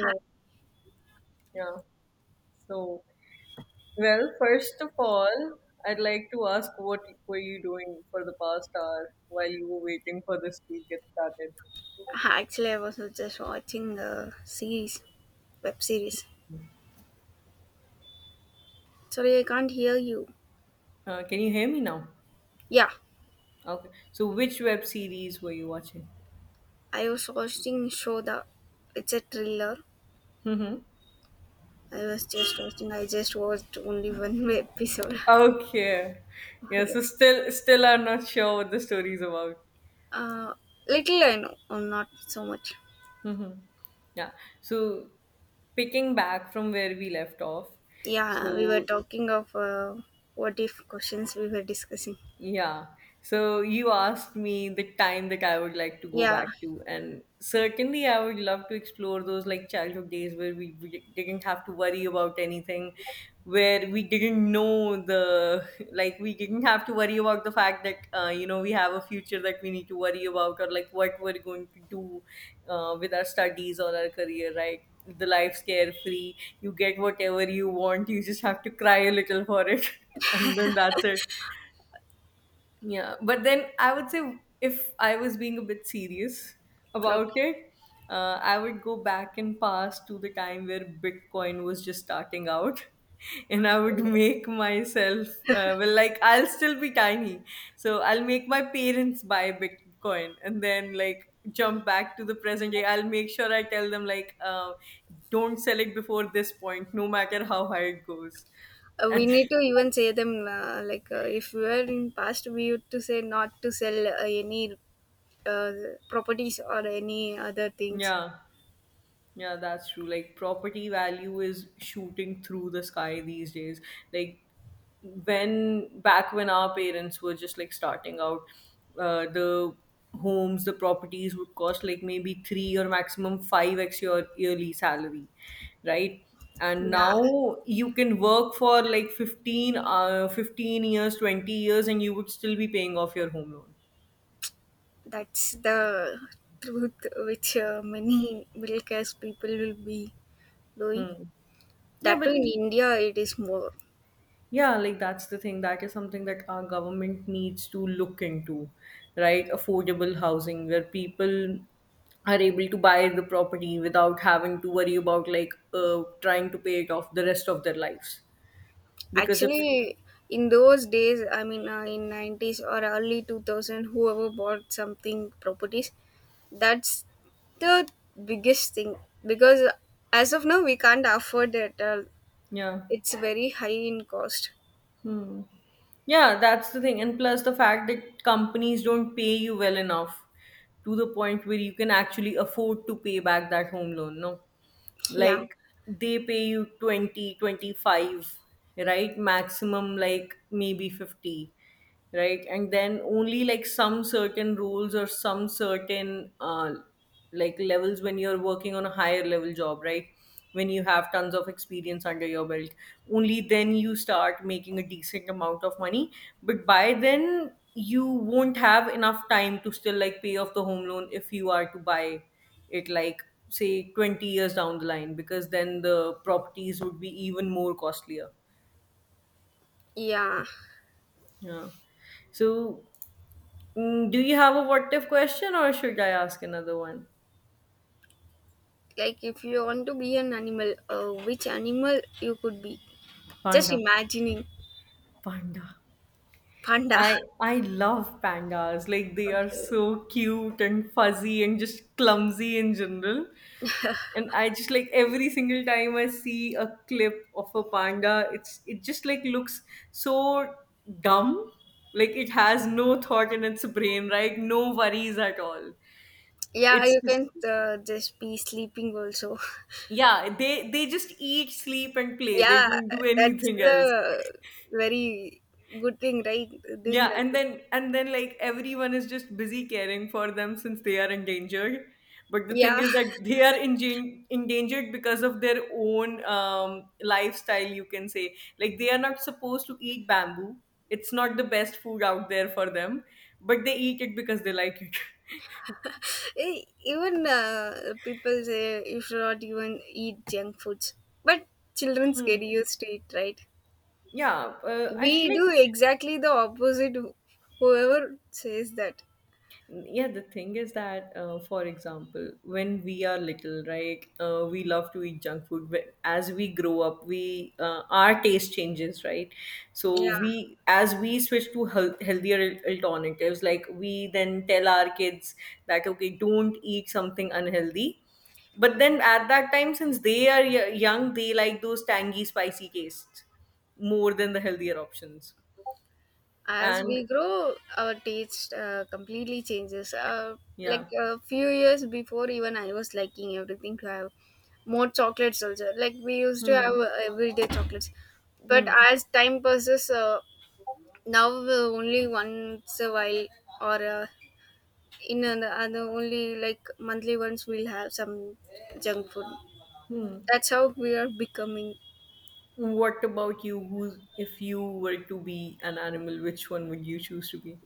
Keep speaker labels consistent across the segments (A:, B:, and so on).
A: Hi.
B: Yeah. So, first of all, I'd like to ask what were you doing for the past hour while you were waiting for this to get started?
A: Actually, I was just watching a series, web series. Sorry, I can't hear you.
B: Can you hear me now?
A: Yeah,
B: Okay. So, which web series were you watching?
A: I was watching show the. It's a thriller.
B: Mm-hmm.
A: I was just watching. I just watched only one episode.
B: Okay. Yeah.
A: Yeah.
B: So, still, I'm not sure what the story is about.
A: Uh, Little I know, or not so much.
B: Mm-hmm. Yeah. So, picking back from where we left off,
A: Yeah, we were
B: so
A: talking of what if questions we were discussing.
B: yeah. So you asked me the time that I would like to go
A: Yeah,
B: back to, and certainly I would love to explore those like childhood days where we didn't have to worry about anything, where we didn't know the like we didn't have to worry about the fact that we have a future that we need to worry about or like what we're going to do with our studies or our career, right? The life's carefree. You get whatever you want. You just have to cry a little for it, and then that's it. Yeah, but then I would say if I was being a bit serious about
A: okay.
B: it, I would go back and past to the time where Bitcoin was just starting out. And I would make myself, I'll still be tiny. So I'll make my parents buy Bitcoin and then, like, jump back to the present day. I'll make sure I tell them, like, don't sell it before this point, no matter how high it goes.
A: We
B: And
A: need to even say them like if we were in past, we used to say not to sell any properties or any other things.
B: yeah. Yeah, that's true. Like property value is shooting through the sky these days. Like when back when our parents were just like starting out, the homes, the properties would cost like maybe 3 or maximum 5 x your yearly salary, right? And
A: Yeah,
B: now you can work for like 15 years, 20 years, and you would still be paying off your home loan.
A: that's the truth which many middle class people will be doing.
B: Hmm. Yeah,
A: That too
B: but
A: in India, it is more.
B: Yeah, like that's the thing. That is something that our government needs to look into, right? Affordable housing where people are able to buy the property without having to worry about like trying to pay it off the rest of their lives. Because if,
A: Actually, in those days, in 90s or early 2000, whoever bought something properties, that's the biggest thing because as of now, we can't afford it.
B: yeah.
A: It's very high in cost.
B: Hmm. Yeah, that's the thing. And plus the fact that companies don't pay you well enough to the point where you can actually afford to pay back that home loan, no?
A: Yeah,
B: Like they pay you 20, 25, right, maximum like maybe 50, right, and then only like some certain rules or some certain like levels when you're working on a higher level job, right, when you have tons of experience under your belt, only then you start making a decent amount of money, but by then you won't have enough time to still like pay off the home loan if you are to buy it, like say 20 years down the line, because then the properties would be even more costlier.
A: yeah.
B: Yeah. So, do you have a what if question or should I ask another one?
A: Like if you want to be an animal, which animal you could be, just
B: Panda.
A: imagining
B: Panda.
A: panda?
B: I love pandas. Like they are
A: Okay.
B: so cute and fuzzy and just clumsy in general. And I just like every single time I see a clip of a panda, it just like looks so dumb. Like it has no thought in its brain, right? No worries at all.
A: Yeah,
B: It's
A: you
B: just
A: can, just be sleeping also.
B: yeah, they just eat, sleep and play. They
A: Yeah,
B: don't do
A: that's
B: anything else.
A: the very good thing, right? Doing
B: Yeah, and
A: nothing.
B: then like everyone is just busy caring for them since they are endangered. But the thing
A: Yeah.
B: is that they are endangered because of their own lifestyle, you can say. Like they are not supposed to eat bamboo. It's not the best food out there for them, but they eat it because they like it.
A: Even people say you should not even eat junk foods, but children
B: Hmm.
A: get used to it, right?
B: Yeah, I
A: We
B: feel like
A: do exactly the opposite, whoever says that.
B: yeah, the thing is that, for example, when we are little, right, we love to eat junk food. But as we grow up, we our taste changes, right? So
A: Yeah.
B: we, as we switch to healthier alternatives, like we then tell our kids that okay, don't eat something unhealthy. But then at that time, since they are young, they like those tangy, spicy tastes more than the healthier options.
A: As
B: And
A: we grow, our taste completely changes. Like
B: yeah.
A: a few years before, even I was liking everything to have more chocolates also. Like we used to have
B: Hmm.
A: everyday chocolates, but
B: Hmm.
A: as time passes, now only once a while or in an, other only like monthly ones we'll have some junk food. That's how we are becoming.
B: What about you? Who's if you were to be an animal, which one would you choose to be?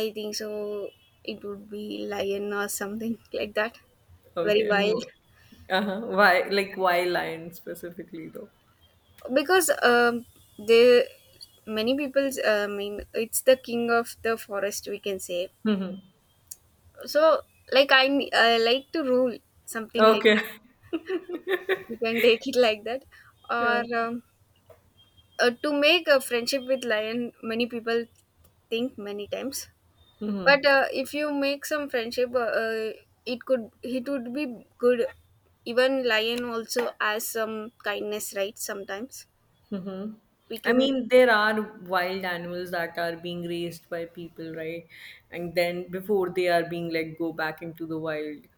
A: I think so. It would be lion or something like that.
B: Okay.
A: Very wild.
B: Uh-huh. Why? Like why lion specifically though?
A: Because they, many people, I mean, it's the king of the forest, we can say.
B: Hmm.
A: So, like I like to rule, something like
B: Okay.
A: that. You can take it like that.
B: Yeah.
A: Or to make a friendship with lion, many people think many times. But if you make some friendship, it could, it would be good. Even lion also has some kindness, right? Sometimes
B: Hmm.
A: we
B: I
A: can.
B: mean, there are wild animals that are being raised by people, right? And then before they are being let go back into the wild.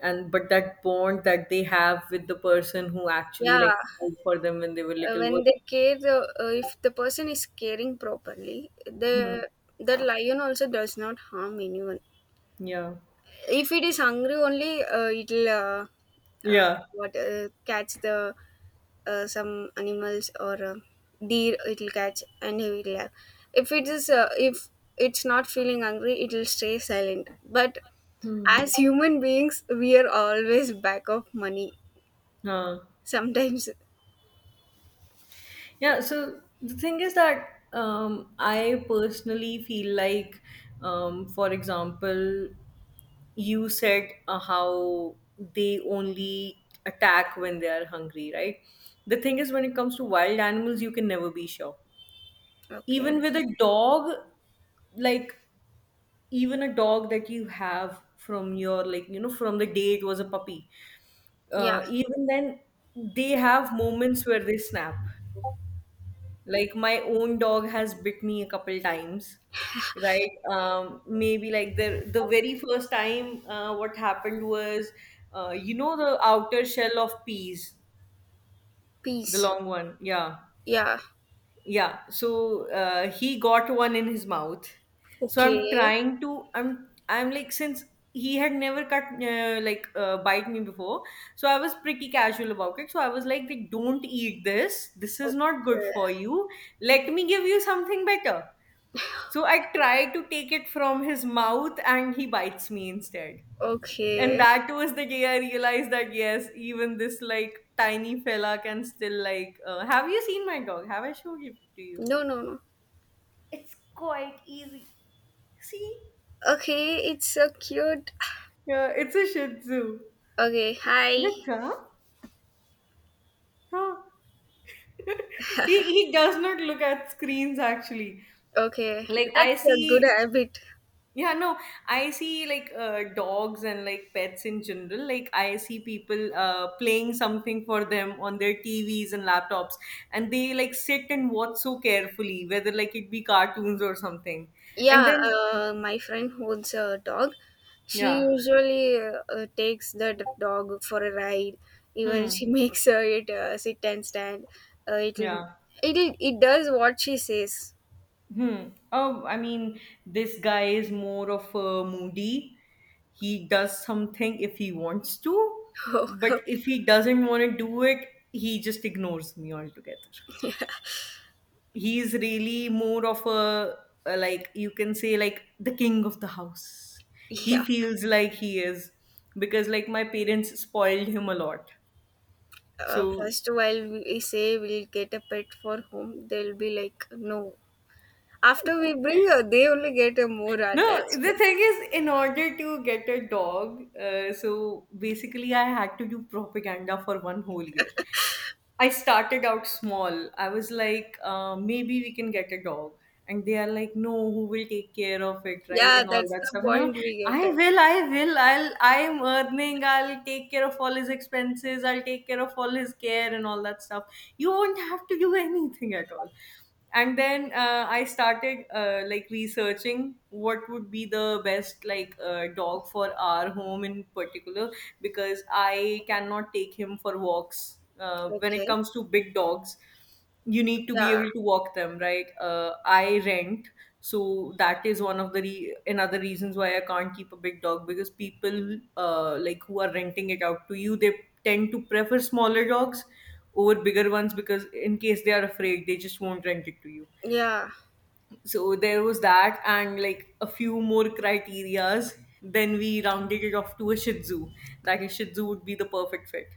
B: And but that bond that they have with the person who actually
A: Yeah,
B: like cared for them when they were little
A: when
B: was
A: they care, if the person is caring properly,
B: mhm.
A: the that lion also does not harm anyone.
B: Yeah.
A: If it is hungry only, it'll, uh,
B: Yeah.
A: what catch the, some animals, or deer it'll catch and he will laugh. If it is if it's not feeling hungry, it'll stay silent. But
B: Hmm.
A: as human beings, we are always back of money
B: Huh.
A: sometimes.
B: Yeah. So the thing is that I personally feel like, for example, you said how they only attack when they are hungry, right? The thing is, when it comes to wild animals, you can never be sure.
A: Okay.
B: Even with a dog, like even a dog that you have from your like you know from the day it was a puppy,
A: Yeah.
B: even then they have moments where they snap. Like my own dog has bit me a couple times, right? Maybe like the very first time what happened was, you know, the outer shell of peas, the
A: Peace.
B: long one, yeah.
A: Yeah.
B: Yeah, so he got one in his mouth. So I'm
A: Okay.
B: trying to, I'm like, since he had never bite me before, so I was pretty casual about it. So I was like, don't eat this. This
A: Okay.
B: is not good for you. Let me give you something better. So I try to take it from his mouth and he bites me instead. And
A: Okay.
B: that was the day I realized that yes, even this like tiny fella can still like. Have you seen my dog? Have I showed it to you?
A: No, no, no.
B: See?
A: Okay, it's so cute.
B: Yeah, it's a Shih Tzu.
A: Okay, hi.
B: Yeah. Huh. He does not look at screens actually.
A: Okay,
B: Like I
A: that's a good
B: see,
A: habit.
B: yeah, no, I see like dogs and like pets in general. Like I see people playing something for them on their TVs and laptops, and they like sit and watch so carefully, whether like it be cartoons or something. And
A: Yeah,
B: then,
A: my friend holds a dog. She
B: yeah.
A: usually takes that dog for a ride. Even she
B: Hmm.
A: makes her it sit and stand. It'll,
B: Yeah.
A: it'll, it does what she says.
B: Hmm. Oh, I mean, this guy is more of a moody. He does something if he wants to,
A: Oh,
B: but if he doesn't want to do it, he just ignores me altogether. He's really more of a like you can say like the king of the house.
A: yeah.
B: He feels like he is because like my parents spoiled him a lot. So
A: First, while we say we'll get a pet for home, they'll be like, no. After we bring her, they only get a more
B: no,
A: attached.
B: the thing is, in order to get a dog, so basically I had to do propaganda for one whole year. I started out small. I was like, maybe we can get a dog. And they are like, no, who will take care of it, right?
A: Yeah,
B: And all
A: that's
B: that
A: the
B: stuff. And I'm
A: point
B: like,
A: we get.
B: I will. I'm earning. I'll take care of all his expenses. I'll take care of all his care and all that stuff. You won't have to do anything at all. And then I started like researching what would be the best like dog for our home in particular because I cannot take him for walks. When it
A: Okay.
B: comes to big dogs, you need to be
A: Yeah.
B: able to walk them, right? I rent, so that is one of the another reasons why I can't keep a big dog because people like who are renting it out to you, they tend to prefer smaller dogs over bigger ones because in case they are afraid, they just won't rent it to you.
A: Yeah.
B: So there was that and like a few more criterias, then we rounded it off to a Shih Tzu, that a Shih Tzu would be the perfect fit.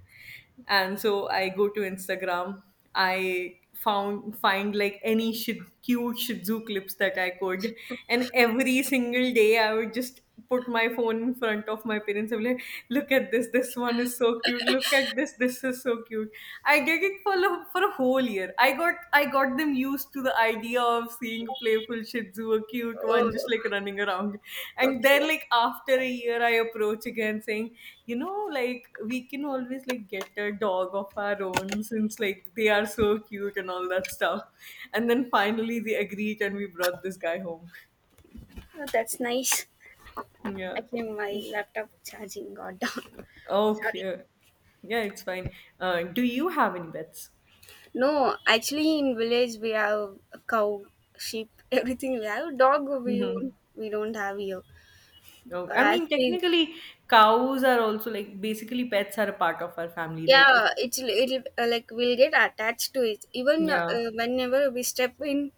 B: And so I go to Instagram, I found find like any cute Shih Tzu clips that I could, and every single day I would just put my phone in front of my parents and be like, look at this, this one is so cute, look at this, this is so cute. I did it for a whole year. I got them used to the idea of seeing a playful Shih Tzu, a cute
A: Oh,
B: one, just like running around. And then
A: okay.
B: like after a year, I approach again saying, you know, like we can always like get a dog of our own since like they are so cute and all that stuff. And then finally they agreed and we brought this guy home.
A: Oh, that's nice.
B: Yeah.
A: Actually, my laptop charging got down. Sorry.
B: Okay. Yeah, it's fine. Do you have any pets?
A: No, actually, in village we have a cow, sheep, everything. We have dog.
B: Mm-hmm.
A: We don't have here.
B: No, I
A: As
B: mean
A: we,
B: technically cows are also like basically pets are a part of our family, right? If
A: yeah, it'll, like we'll get attached to it, even,
B: yeah,
A: whenever we step in,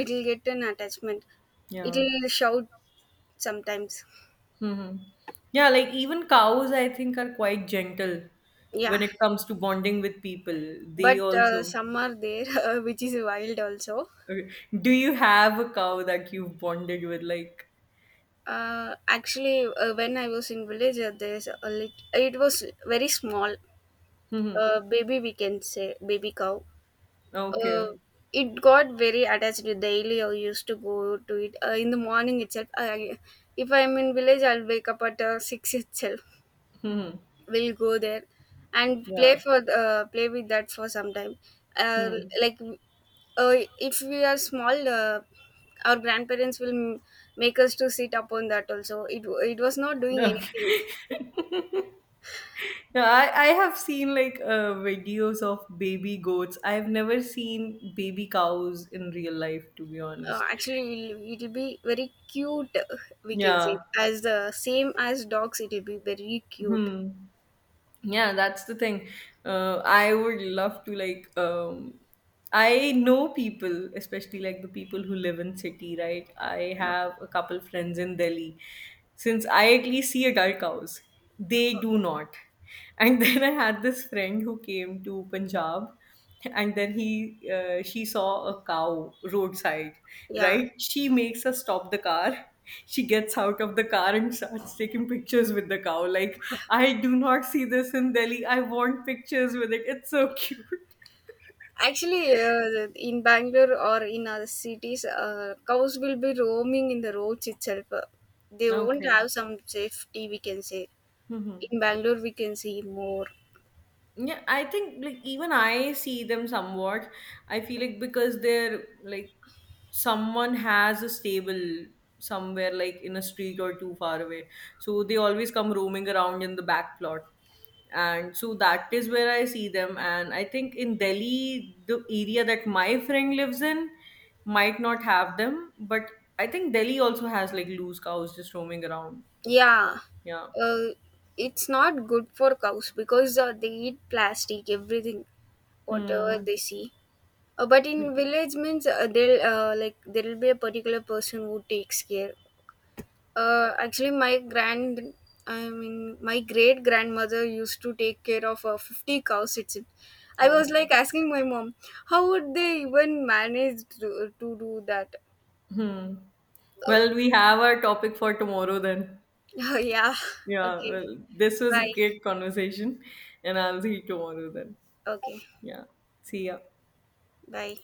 A: it'll get an attachment.
B: yeah.
A: It'll shout sometimes.
B: Mm-hmm. Yeah, like even cows I think are quite gentle when
A: Yeah,
B: it comes to bonding with people. They
A: but
B: also
A: some are there which is wild also.
B: okay. Do you have a cow that you've bonded with like?
A: Actually, when I was in village, there's a it was very small
B: Hmm.
A: baby, we can say baby cow. uh,
B: Okay.
A: it got very attached to daily. I used to go to it in the morning itself. I, if I'm in village, I'll wake up at 6 itself.
B: Hmm.
A: We'll go there and play
B: Yeah.
A: play with that for some time. uh,
B: Hmm.
A: like if we are small, our grandparents will make us to sit upon that also. It was not doing anything.
B: Okay. No, I have seen like videos of baby goats. I've never seen baby cows in real life, to be honest.
A: Actually, it'll, it'll be very cute, we can say,
B: Yeah.
A: as the same as dogs, it'll be very cute.
B: Hmm. Yeah, that's the thing. I would love to like. I know people, especially like the people who live in city, right? I have a couple friends in Delhi. Since I at least see adult cows, they do not. And then I had this friend who came to Punjab and then he she saw a cow roadside,
A: Yeah,
B: right? She makes us stop the car she gets out of the car and starts taking pictures with the cow. Like I do not see this in Delhi, I want pictures with it, it's so cute.
A: actually, in Bangalore or in other cities, cows will be roaming in the roads itself. They won't
B: Okay.
A: have some safety, we can say.
B: Hmm.
A: In Bangalore, we can see more.
B: Yeah, I think like even I see them somewhat. I feel like because they're like someone has a stable somewhere like in a street or too far away. So they always come roaming around in the back plot. And so that is where I see them. And I think in Delhi, the area that my friend lives in might not have them. But I think Delhi also has like loose cows just roaming around.
A: Yeah,
B: Yeah.
A: uh, it's not good for cows because they eat plastic, everything, whatever
B: Hmm.
A: they see. But in village means they'll, like there will be a particular person who takes care. Actually, I mean, my great grandmother used to take care of 50 cows. It's it. I
B: No.
A: was like asking my mom, how would they even manage to do that? Uh,
B: Well, we have our topic for tomorrow then.
A: yeah.
B: Yeah,
A: Okay.
B: well, this was a
A: Bye.
B: great conversation, and I'll see you tomorrow then.
A: Okay.
B: Yeah, see ya.
A: Bye.